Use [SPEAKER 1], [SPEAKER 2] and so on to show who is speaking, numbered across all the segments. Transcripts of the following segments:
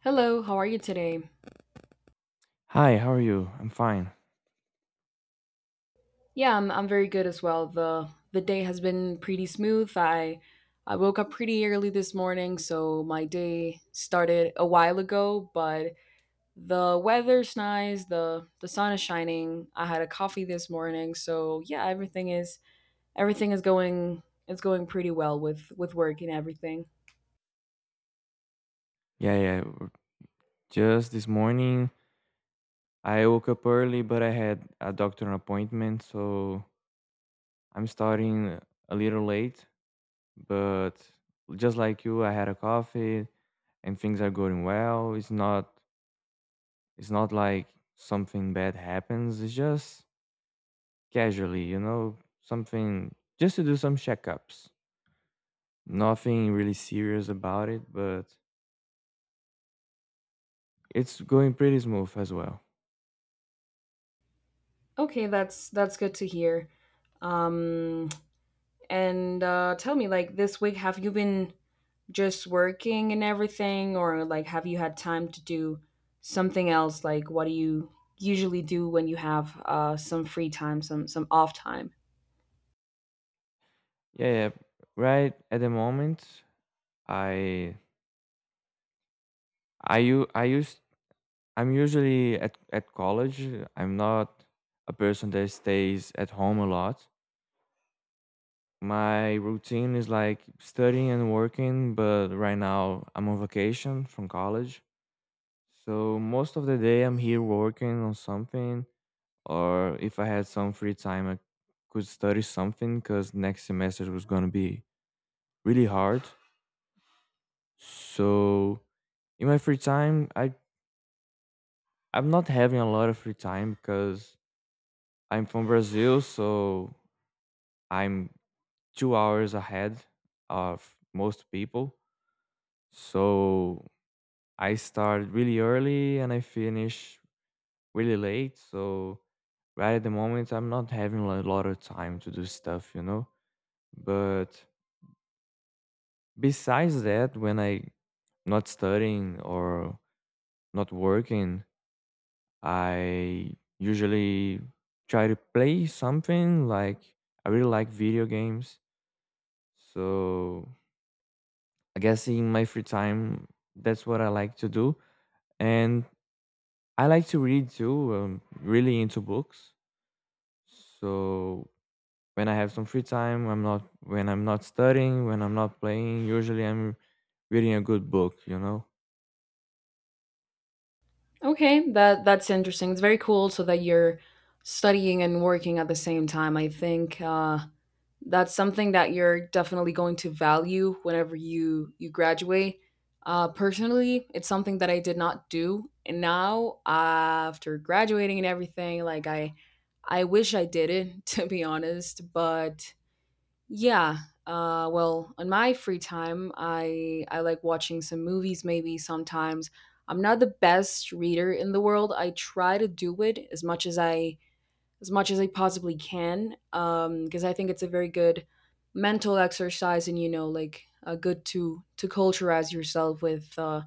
[SPEAKER 1] Hello, how are you today?
[SPEAKER 2] Hi, how are you? I'm fine.
[SPEAKER 1] Yeah, I'm very good as well. The day has been pretty smooth. I woke up pretty early this morning, so my day started a while ago, but the weather's nice, the sun is shining. I had a coffee this morning, so yeah, everything is going it's going pretty well with work and everything.
[SPEAKER 2] Yeah, yeah. Just this morning, I woke up early, but I had a doctor appointment, so I'm starting a little late. But just like you, I had a coffee, and things are going well. It's not. It's not like something bad happens. It's just casually, something just to do some checkups. Nothing really serious about it, but it's going pretty smooth as well.
[SPEAKER 1] Okay, that's good to hear. Um and tell me, like, this week have you been just working and everything, or like have you had time to do something else? Like, what do you usually do when you have some free time, some off time?
[SPEAKER 2] Yeah, yeah. Right at the moment, I I u- I used I'm usually at college. I'm not a person that stays at home a lot. My routine is like studying and working, but right now I'm on vacation from college. So most of the day I'm here working on something, or if I had some free time I could study something cuz next semester was going to be really hard. So in my free time, I'm not having a lot of free time because I'm from Brazil, so I'm 2 hours ahead of most people. So I start really early and I finish really late. So right at the moment, I'm not having a lot of time to do stuff, you know? But besides that, when I not studying or not working, I usually try to play something like I really like video games. So I guess in my free time, that's what I like to do. And I like to read too. I'm really into books. So when I have some free time, I'm not when I'm not studying, when I'm not playing, usually I'm reading a good book, you know.
[SPEAKER 1] Okay, that's interesting. It's very cool, so that you're studying and working at the same time. I think that's something that you're definitely going to value whenever you graduate. Personally, it's something that I did not do, and now after graduating and everything, I wish I did it to be honest. But yeah, well, on my free time, I like watching some movies. Maybe sometimes I'm not the best reader in the world. I try to do it as much as I possibly can, because I think it's a very good mental exercise, and you know, like, good to culturize yourself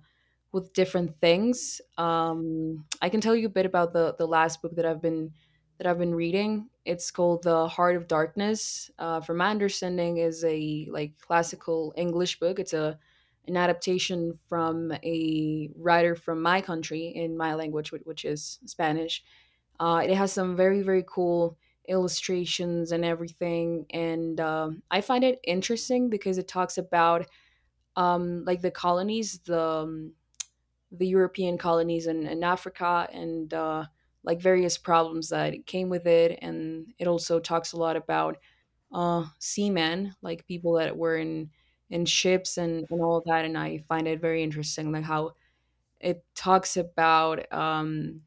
[SPEAKER 1] with different things. I can tell you a bit about the last book that I've been reading. It's called The Heart of Darkness. From my understanding, is a, like, classical English book. It's a An adaptation from a writer from my country in my language, which is Spanish. It has some very, very cool illustrations and everything, and I find it interesting because it talks about, like the colonies, the, the European colonies in Africa, and like various problems that came with it. And it also talks a lot about, seamen, like people that were in ships and all that. And I find it very interesting, like how it talks about,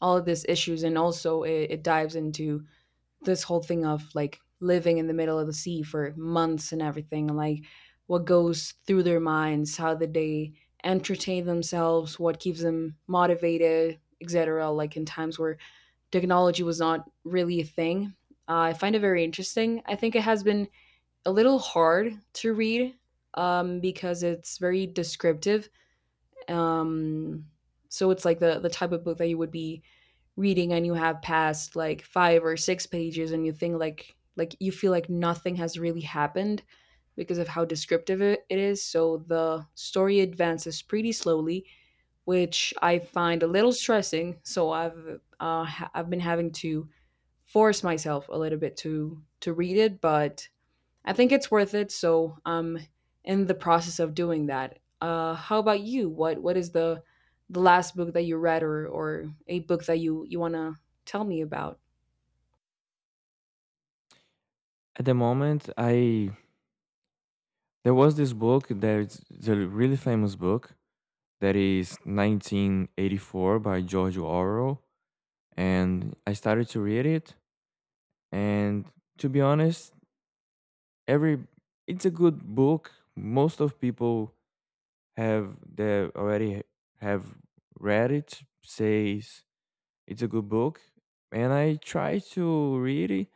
[SPEAKER 1] all of these issues, and also it dives into this whole thing of, like, living in the middle of the sea for months and everything, and like what goes through their minds, how did they entertain themselves, what keeps them motivated, etc. Like in times where technology was not really a thing. I find it very interesting. I think it has been a little hard to read, because it's very descriptive, um, so it's like the type of book that you would be reading and you have passed like five or six pages and you think like you feel like nothing has really happened because of how descriptive it, it is. So the story advances pretty slowly, which I find a little stressing. So I've been having to force myself a little bit to read it, but I think it's worth it. So I'm in the process of doing that. How about you? What is the last book that you read, or a book that you want to tell me about?
[SPEAKER 2] At the moment, I there was this book that it's a really famous book that is 1984 by George Orwell. And I started to read it. And to be honest, every it's a good book. Most of people have that already have read it, says it's a good book. And I tried to read it,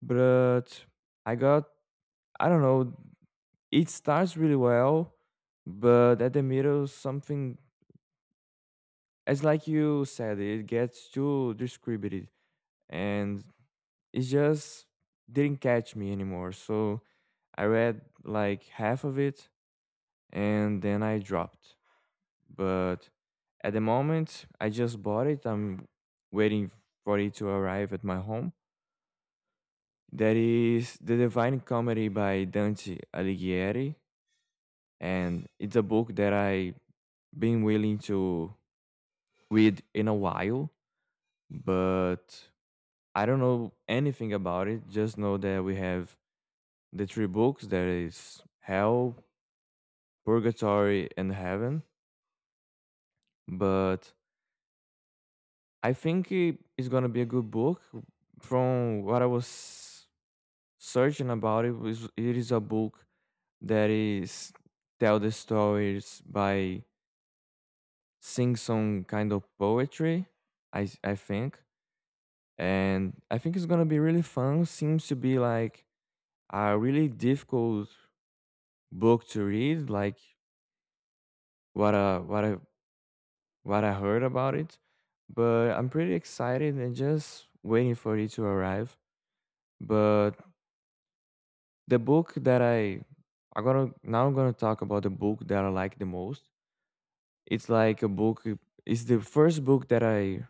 [SPEAKER 2] but I got I don't know. It starts really well, but at the middle something, as like you said, it gets too distributed. And it just didn't catch me anymore. So I read like half of it and then I dropped. But at the moment, I just bought it. I'm waiting for it to arrive at my home. That is The Divine Comedy by Dante Alighieri. And it's a book that I been willing to read in a while, but I don't know anything about it. Just know that we have the three books: there is hell, purgatory and heaven. But I think it is going to be a good book. From what I was searching about it, was it is a book that is tell the stories by sing some kind of poetry, I think. And I think it's going to be really fun. Seems to be like a really difficult book to read, like what a what I what I heard about it, but I'm pretty excited and just waiting for it to arrive. But the book that I'm gonna talk about the book that I like the most. It's like a book. It's the first book that I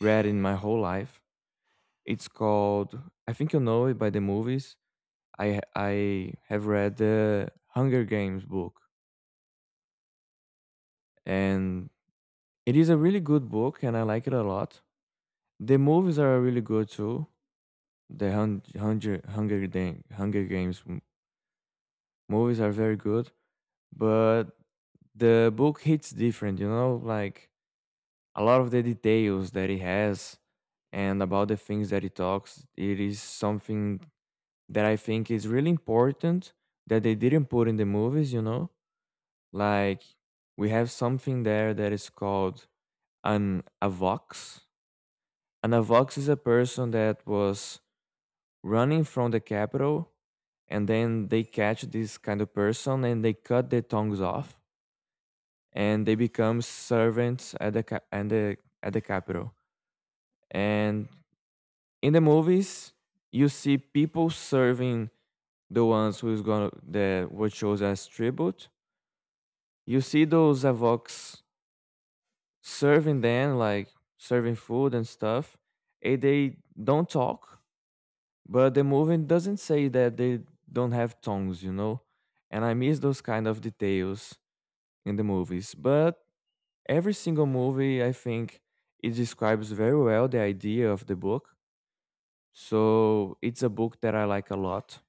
[SPEAKER 2] read in my whole life. It's called, I think you know it by the movies. I have read the Hunger Games book, and it is a really good book, and I like it a lot. The movies are really good too. The Hunger Games movies are very good, but the book hits different. You know, like a lot of the details that he has and about the things that he talks. It is something that I think is really important that they didn't put in the movies. You know, like we have something there that is called an avox. An avox is a person that was running from the capital, and then they catch this kind of person and they cut their tongues off, and they become servants at the ca- and the at the capital. And in the movies you see people serving the ones who's gonna the were chosen as tribute. You see those avocs serving them, like serving food and stuff, and they don't talk. But the movie doesn't say that they don't have tongues, you know? And I miss those kind of details in the movies. But every single movie, I think, it describes very well the idea of the book. So it's a book that I like a lot.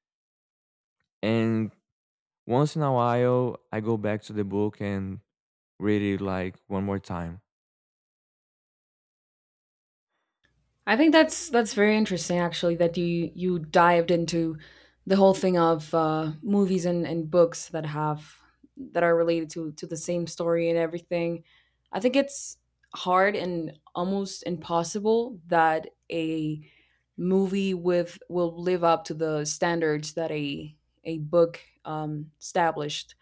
[SPEAKER 2] And once in a while, I go back to the book and read it like one more time.
[SPEAKER 1] I think that's very interesting, actually, that you dived into the whole thing of movies and books that have that are related to the same story and everything. I think it's hard and almost impossible that a movie with will live up to the standards that a book established.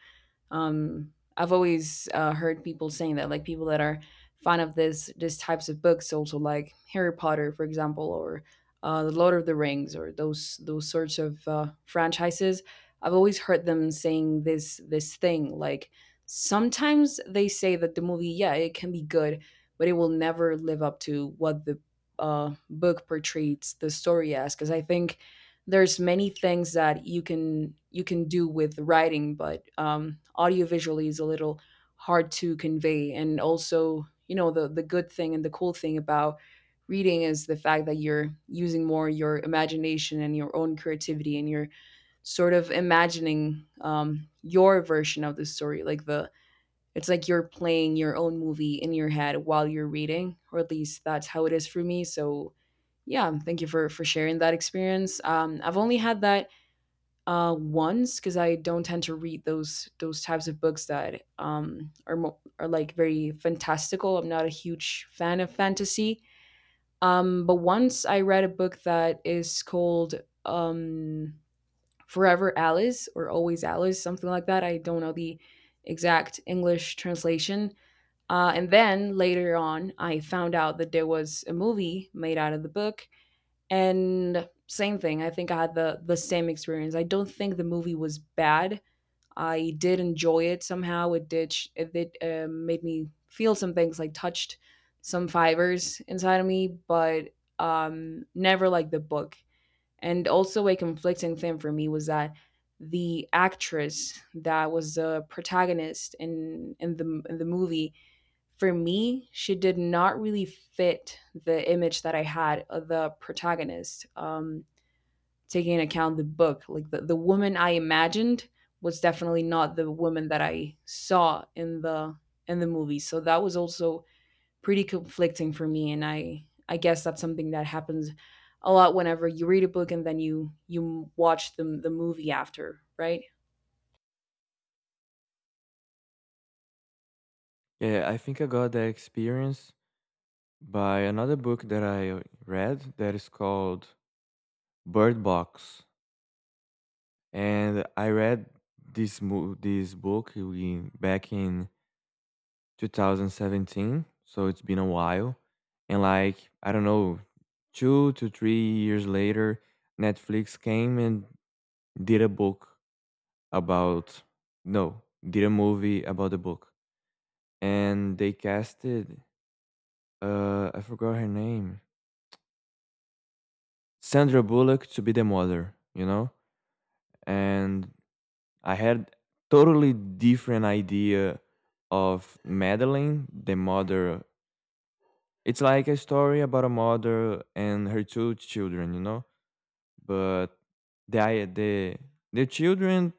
[SPEAKER 1] I've always heard people saying that, like people that are fan of this these types of books, also like Harry Potter, for example, or the Lord of the Rings, or those sorts of franchises. I've always heard them saying this thing, like sometimes they say that the movie, yeah, it can be good, but it will never live up to what the, book portrays the story as. Because I think there's many things that you can do with writing, but, um, audiovisually is a little hard to convey. And also, you know, the good thing and the cool thing about reading is the fact that you're using more your imagination and your own creativity, and you're sort of imagining, your version of the story, like the, it's like you're playing your own movie in your head while you're reading, or at least that's how it is for me. So yeah, thank you for sharing that experience. I've only had that once, because I don't tend to read those types of books that, are like very fantastical. I'm not a huge fan of fantasy. But once I read a book that is called, um, Forever Alice or Always Alice, something like that. I don't know the exact English translation. And then later on, I found out that there was a movie made out of the book, and same thing. I think I had the same experience. I don't think the movie was bad. I did enjoy it. Somehow it did made me feel some things, like touched some fibers inside of me, but, never like the book. And also, a conflicting thing for me was that the actress that was the protagonist in the movie, for me, she did not really fit the image that I had of the protagonist. Taking into account the book, like the woman I imagined was definitely not the woman that I saw in the movie. So that was also pretty conflicting for me, and I guess that's something that happens a lot whenever you read a book and then you watch the movie after, right?
[SPEAKER 2] Yeah, I think I got that experience by another book that I read that is called Bird Box. And I read this book we, back in 2017, so it's been a while. And like I don't know, 2 to 3 years later, Netflix came and did a book about no, did a movie about the book, and they casted I forgot her name, Sandra Bullock, to be the mother, you know, and I had totally different idea of Madeline, the mother. It's like a story about a mother and her two children, you know. But the I- the children,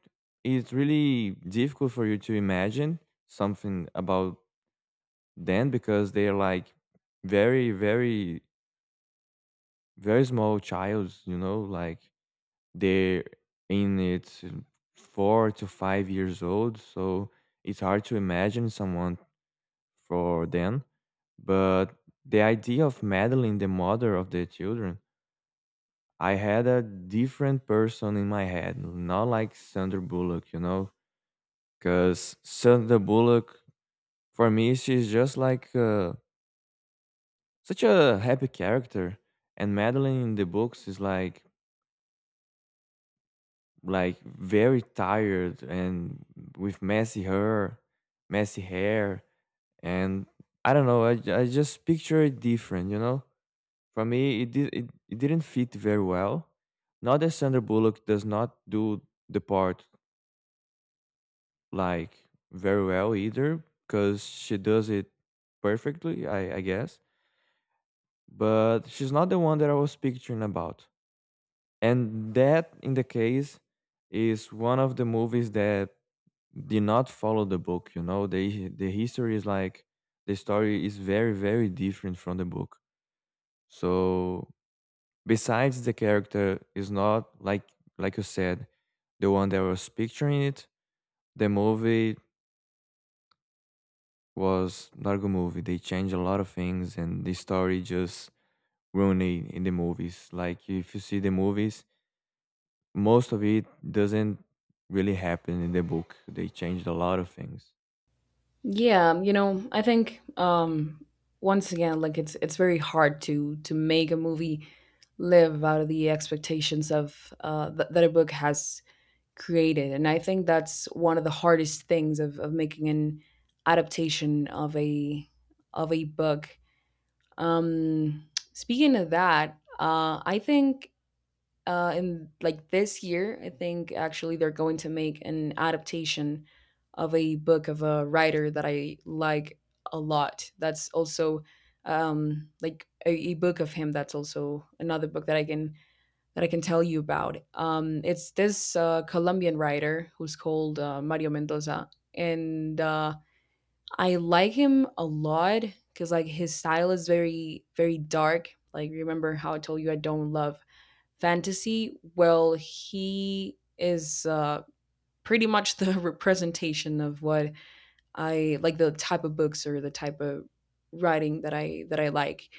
[SPEAKER 2] it's really difficult for you to imagine something about them because they're like very, very, very small childs, you know, like they're in its 4 to 5 years old, so it's hard to imagine someone for them. But the idea of Madeline, the mother of the children, I had a different person in my head, not like Sandra Bullock, you know, because Sandra Bullock, for me, she's just like such a happy character, and Madeline in the books is like very tired and with messy hair, messy hair, and I don't know. I just picture it different, you know. For me, it, it didn't fit very well. Not that Sandra Bullock does not do the part like very well either, because she does it perfectly, I guess. But she's not the one that I was picturing about. And that, in the case, is one of the movies that did not follow the book. You know, the history is like, the story is very very different from the book. So besides the character is not like, like you said, the one that was picturing it, the movie was not a good movie. They changed a lot of things and the story just ruined it in the movies. Like if you see the movies, most of it doesn't really happen in the book. They changed a lot of things.
[SPEAKER 1] Yeah, you know, I think, once again, like, it's very hard to make a movie live out of the expectations of that a book has created. And I think that's one of the hardest things of making an adaptation of a book. Speaking of that, I think, and like, this year, I think actually they're going to make an adaptation of a book of a writer that I like a lot. That's also, a book of him. That's also another book that I can tell you about. It's this Colombian writer who's called Mario Mendoza, and I like him a lot, because like his style is very, very dark. Like, remember how I told you I don't love fantasy? Well, he is pretty much the representation of what I like, the type of books or the type of writing that I like.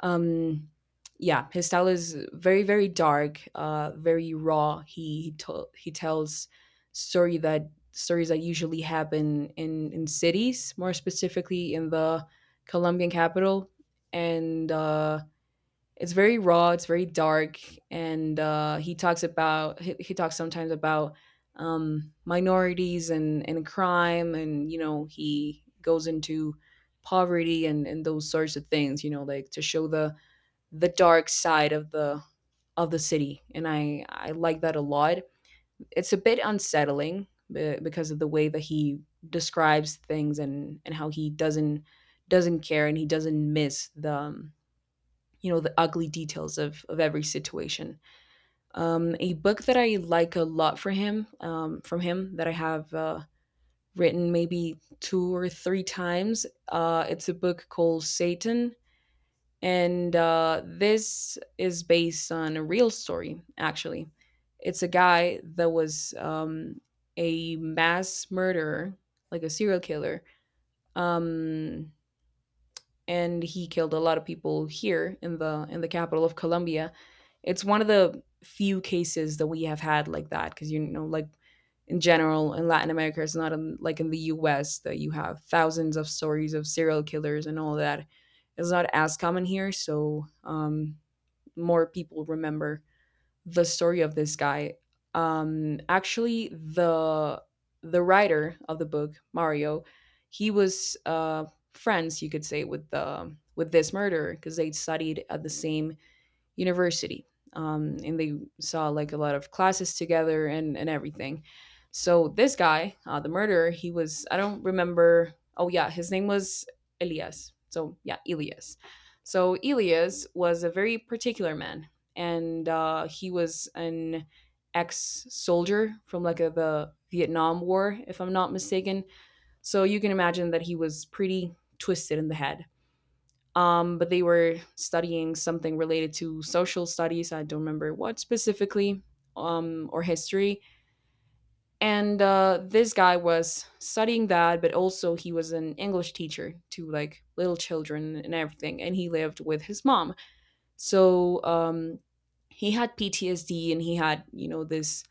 [SPEAKER 1] Um, yeah, his style is very, very dark, very raw. He tells story that stories that usually happen in cities, more specifically in the Colombian capital, and, it's very raw, it's very dark. And he talks about he talks sometimes about, minorities and crime, and you know, he goes into poverty and those sorts of things, you know, like to show the dark side of the city, and I like that a lot. It's a bit unsettling because of the way that he describes things, and how he doesn't care, and he doesn't miss the, you know, the ugly details of every situation. A book that I like a lot for him, from him, that I have written maybe two or three times. It's a book called Satan, and this is based on a real story. Actually, it's a guy that was, a mass murderer, like a serial killer. Um, and he killed a lot of people here in the capital of Colombia. It's one of the few cases that we have had like that, because you know, like, in general in Latin America, it's not in, like in the US, that you have thousands of stories of serial killers and all that. It's not as common here, so, more people remember the story of this guy. Actually, the writer of the book, Mario, he was, friends, you could say, with the with this murderer, because they studied at the same university, and they saw like a lot of classes together and everything. So this guy, the murderer, he was, I don't remember. Oh yeah, his name was Elias. So yeah, Elias. So Elias was a very particular man, and he was an ex-soldier from the Vietnam War, if I'm not mistaken. So you can imagine that he was pretty twisted in the head, but they were studying something related to social studies. I don't remember what specifically, or history. And this guy was studying that, but also he was an English teacher to like little children and everything. And he lived with his mom. So he had PTSD and he had, you know, this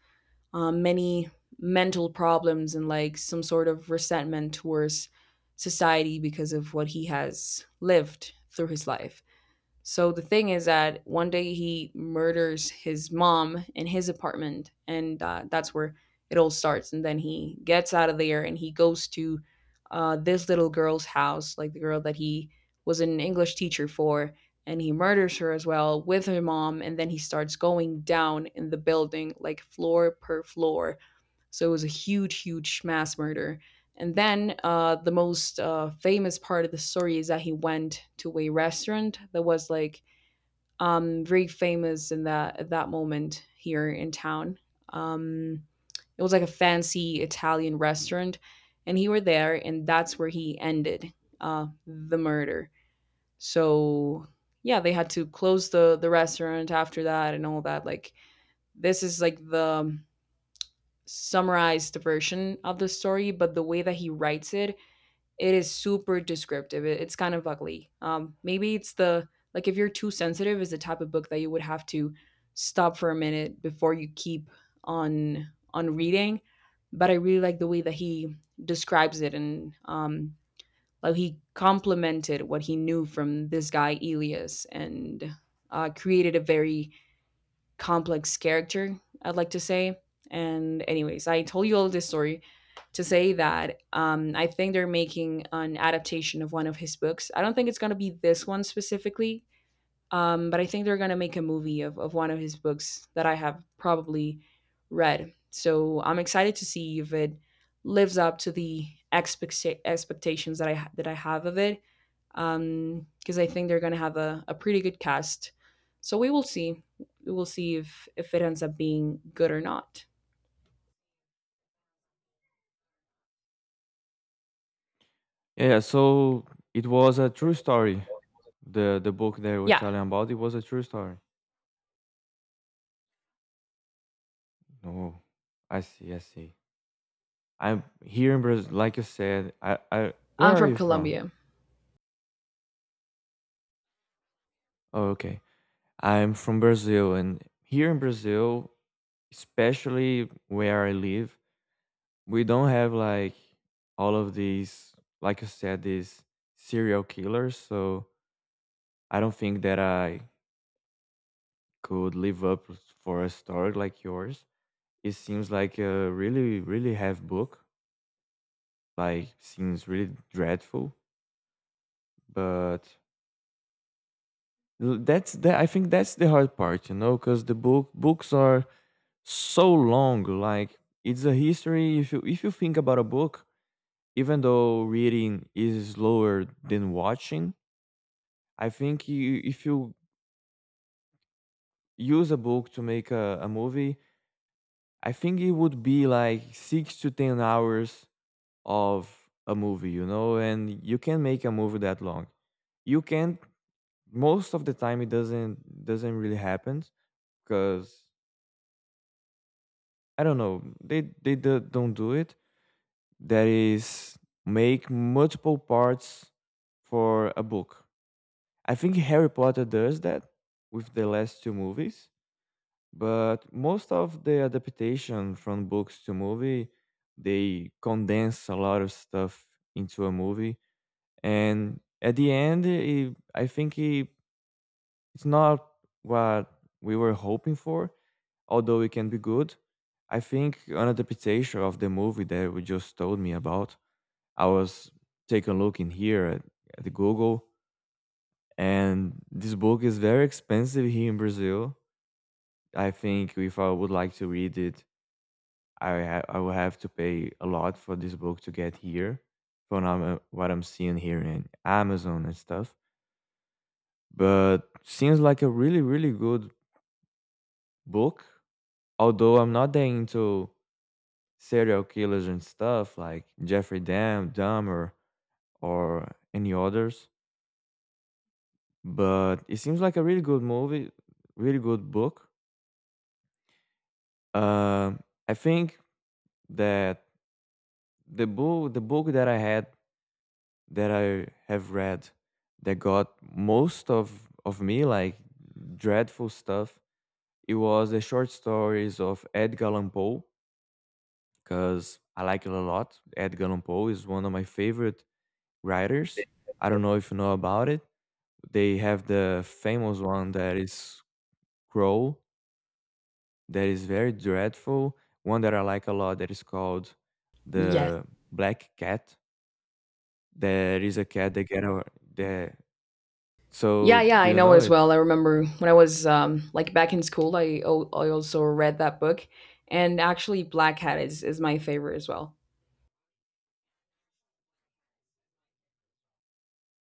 [SPEAKER 1] many mental problems and like some sort of resentment towards society because of what he has lived through his life. So the thing is that one day he murders his mom in his apartment, and that's where it all starts. And then he gets out of there and he goes to this little girl's house, like the girl that he was an English teacher for, and he murders her as well with her mom. And then he starts going down in the building, like floor per floor, so it was a huge, huge mass murder. And then the most famous part of the story is that he went to a restaurant that was like very famous in that moment here in town. Um, it was like a fancy Italian restaurant, and he were there, and that's where he ended the murder. So yeah, they had to close the restaurant after that and all that. Like this is like the summarized version of the story, but the way that he writes it, it is super descriptive. It's kind of ugly. Maybe it's the, like if you're too sensitive, is the type of book that you would have to stop for a minute before you keep on on reading. But I really like the way that he describes it, and like he complemented what he knew from this guy Elias, and created a very complex character, I'd like to say. And anyways, I told you all this story to say that I think they're making an adaptation of one of his books. I don't think it's gonna be this one specifically, but I think they're gonna make a movie of one of his books that I have probably read. So I'm excited to see if it lives up to the expectations that that I have of it, because I think they're going to have a pretty good cast. So we will see. We will see if it ends up being good or not.
[SPEAKER 2] Yeah, so it was a true story. The book that you were
[SPEAKER 1] Yeah,
[SPEAKER 2] telling about, it was a true story. No, I see, I see. I'm here in Brazil, like you said. Where
[SPEAKER 1] I'm
[SPEAKER 2] are
[SPEAKER 1] from
[SPEAKER 2] you from?
[SPEAKER 1] Colombia.
[SPEAKER 2] Oh, okay. I'm from Brazil, and here in Brazil, especially where I live, we don't have like all of these, like you said, these serial killers. So I don't think that I could live up for a story like yours. It seems like a really, really heavy book, like seems really dreadful. But that's that I think that's the hard part, you know, because the books are so long. Like it's a history, if you think about a book, even though reading is slower than watching. I think if you use a book to make a movie, I think it would be like 6 to 10 hours of a movie, you know. And you can make a movie that long, you can. Most of the time it doesn't really happen because I don't know, they don't do it, that is, make multiple parts for a book. I think Harry Potter does that with the last two movies. But most of the adaptation from books to movie, they condense a lot of stuff into a movie, and at the end I think it, it's not what we were hoping for, although it can be good. I think an adaptation of the movie that we just told me about. I was taking a look in here at the Google, and this book is very expensive here in Brazil. I think if I would like to read it, I will have to pay a lot for this book to get here. From what I'm seeing here in Amazon and stuff, but seems like a really really good book. Although I'm not that into serial killers and stuff, like Jeffrey Dahmer, or any others. But it seems like a really good movie, really good book. Um, I think that the book that that I have read, that got most of me like dreadful stuff. It was the short stories of Edgar Allan Poe because I like it a lot. Edgar Allan Poe is one of my favorite writers. I don't know if you know about it. They have the famous one that is Crow, that is very dreadful. One that I like a lot that is called
[SPEAKER 1] Yes.
[SPEAKER 2] the Black Cat. There is a cat that get over there.
[SPEAKER 1] Yeah,
[SPEAKER 2] So
[SPEAKER 1] yeah,
[SPEAKER 2] do
[SPEAKER 1] I
[SPEAKER 2] you
[SPEAKER 1] know
[SPEAKER 2] know
[SPEAKER 1] as
[SPEAKER 2] it?
[SPEAKER 1] well. I remember when I was like back in school, I, I also read that book, and actually, Black Hat is my favorite as well.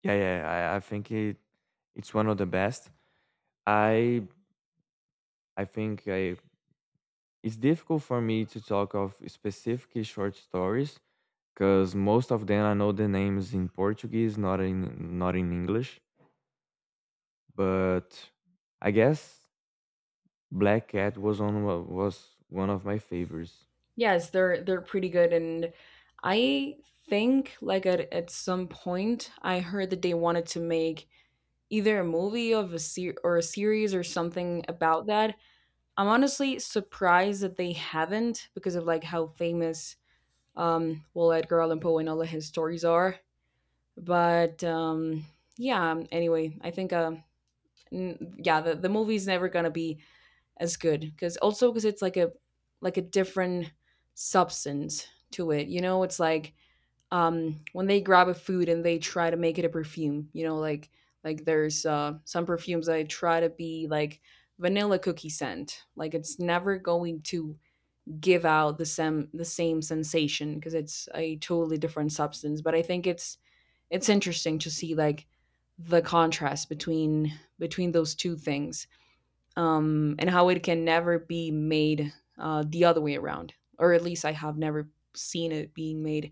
[SPEAKER 2] Yeah, yeah. I think it's one of the best. I I think I it's difficult for me to talk of specific short stories because most of them I know the names in Portuguese, not in English. But I guess Black Cat was one of my favorites.
[SPEAKER 1] Yes, they're pretty good, and I think like at some point I heard that they wanted to make either a movie of a or a series or something about that. I'm honestly surprised that they haven't because of like how famous, well, Edgar Allan Poe and all of his stories are. But yeah, anyway, I think yeah, the movie's never going to be as good, cuz also cuz it's like a different substance to it. You know, it's like when they grab a food and they try to make it a perfume, you know, like there's some perfumes that try to be like vanilla cookie scent, like it's never going to give out the same sensation because it's a totally different substance. But I think it's interesting to see like the contrast between between those two things, and how it can never be made the other way around, or at least I have never seen it being made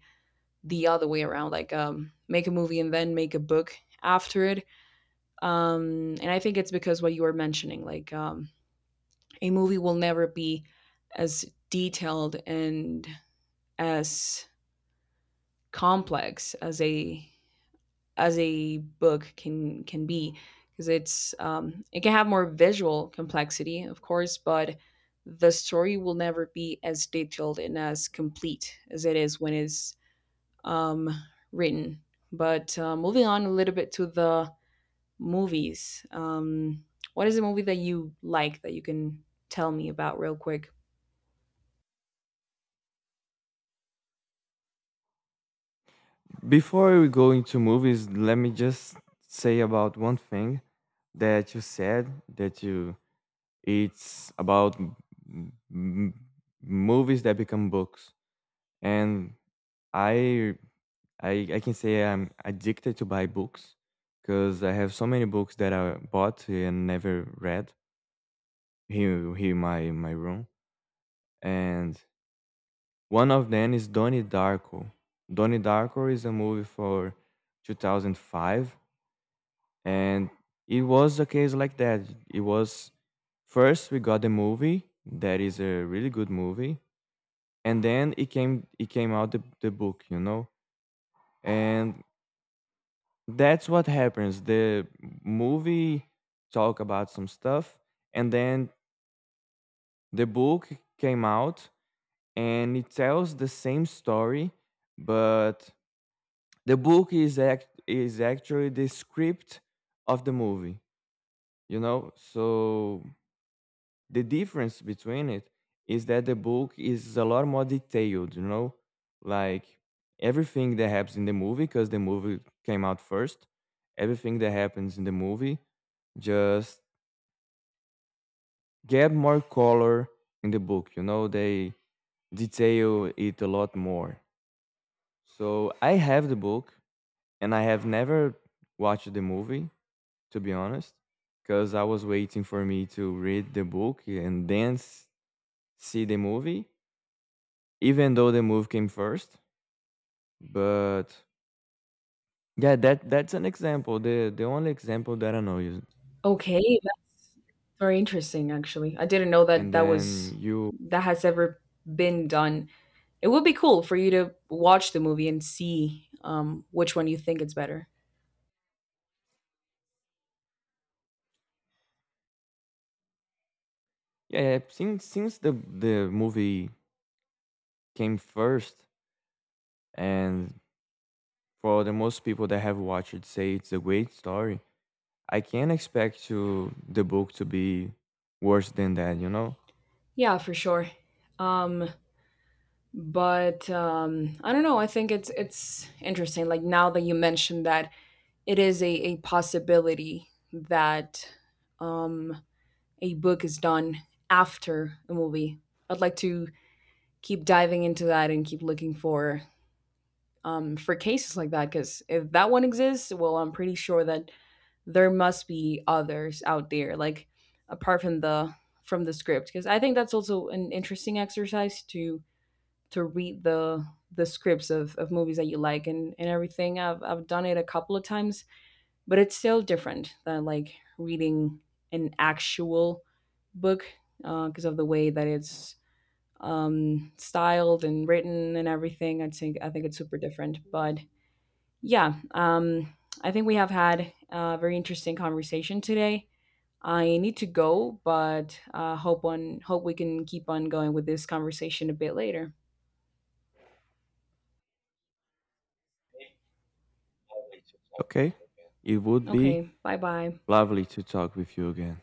[SPEAKER 1] the other way around, like make a movie and then make a book after it. And I think it's because what you were mentioning, like a movie will never be as detailed and as complex as a book can be, because it's it can have more visual complexity, of course, but the story will never be as detailed and as complete as it is when it's um, written. But moving on a little bit to the movies, what is a movie that you like that you can tell me about real quick?
[SPEAKER 2] Before we go into movies, let me just say about one thing that you said that you it's about movies that become books, and I I I can say I'm addicted to buy books because I have so many books that I bought and never read here in my room. And one of them is Donnie Darko. Donnie Darko is a movie for 2005, and it was a case like that. It was first we got the movie that is a really good movie, and then it came out the book, you know, and that's what happens. The movie talk about some stuff, and then the book came out, and it tells the same story, but the book is act is actually the script of the movie, you know. So the difference between it is that the book is a lot more detailed, you know, like everything that happens in the movie, because the movie came out first, everything that happens in the movie just get more color in the book. You know, they detail it a lot more. So I have the book and I have never watched the movie, to be honest, because I was waiting for me to read the book and then see the movie, even though the movie came first. But yeah, that that's an example. The only example that I know is,
[SPEAKER 1] Okay, that's very interesting. Actually, I didn't know that
[SPEAKER 2] and
[SPEAKER 1] that
[SPEAKER 2] then
[SPEAKER 1] was
[SPEAKER 2] you
[SPEAKER 1] that has ever been done. It would be cool for you to watch the movie and see, which one you think is better.
[SPEAKER 2] yeah yeah, since the movie came first, and for the most people that have watched it, say it's a great story. I can't expect to the book to be worse than that, you know.
[SPEAKER 1] Yeah, for sure. Um, but I don't know. I think it's interesting. Like now that you mentioned that it is a possibility that um, a book is done after a movie. I'd like to keep diving into that and keep looking for, for cases like that, because if that one exists, well, I'm pretty sure that there must be others out there. Like apart from the script, because I think that's also an interesting exercise to read the scripts of movies that you like and everything. I've done it a couple of times, but it's still different than like reading an actual book, because of the way that it's, styled and written and everything. I think it's super different. But yeah, I think we have had a very interesting conversation today. I need to go, but hope on hope we can keep on going with this conversation a bit later.
[SPEAKER 2] Okay, it would be
[SPEAKER 1] Okay, bye bye.
[SPEAKER 2] lovely to talk with you again.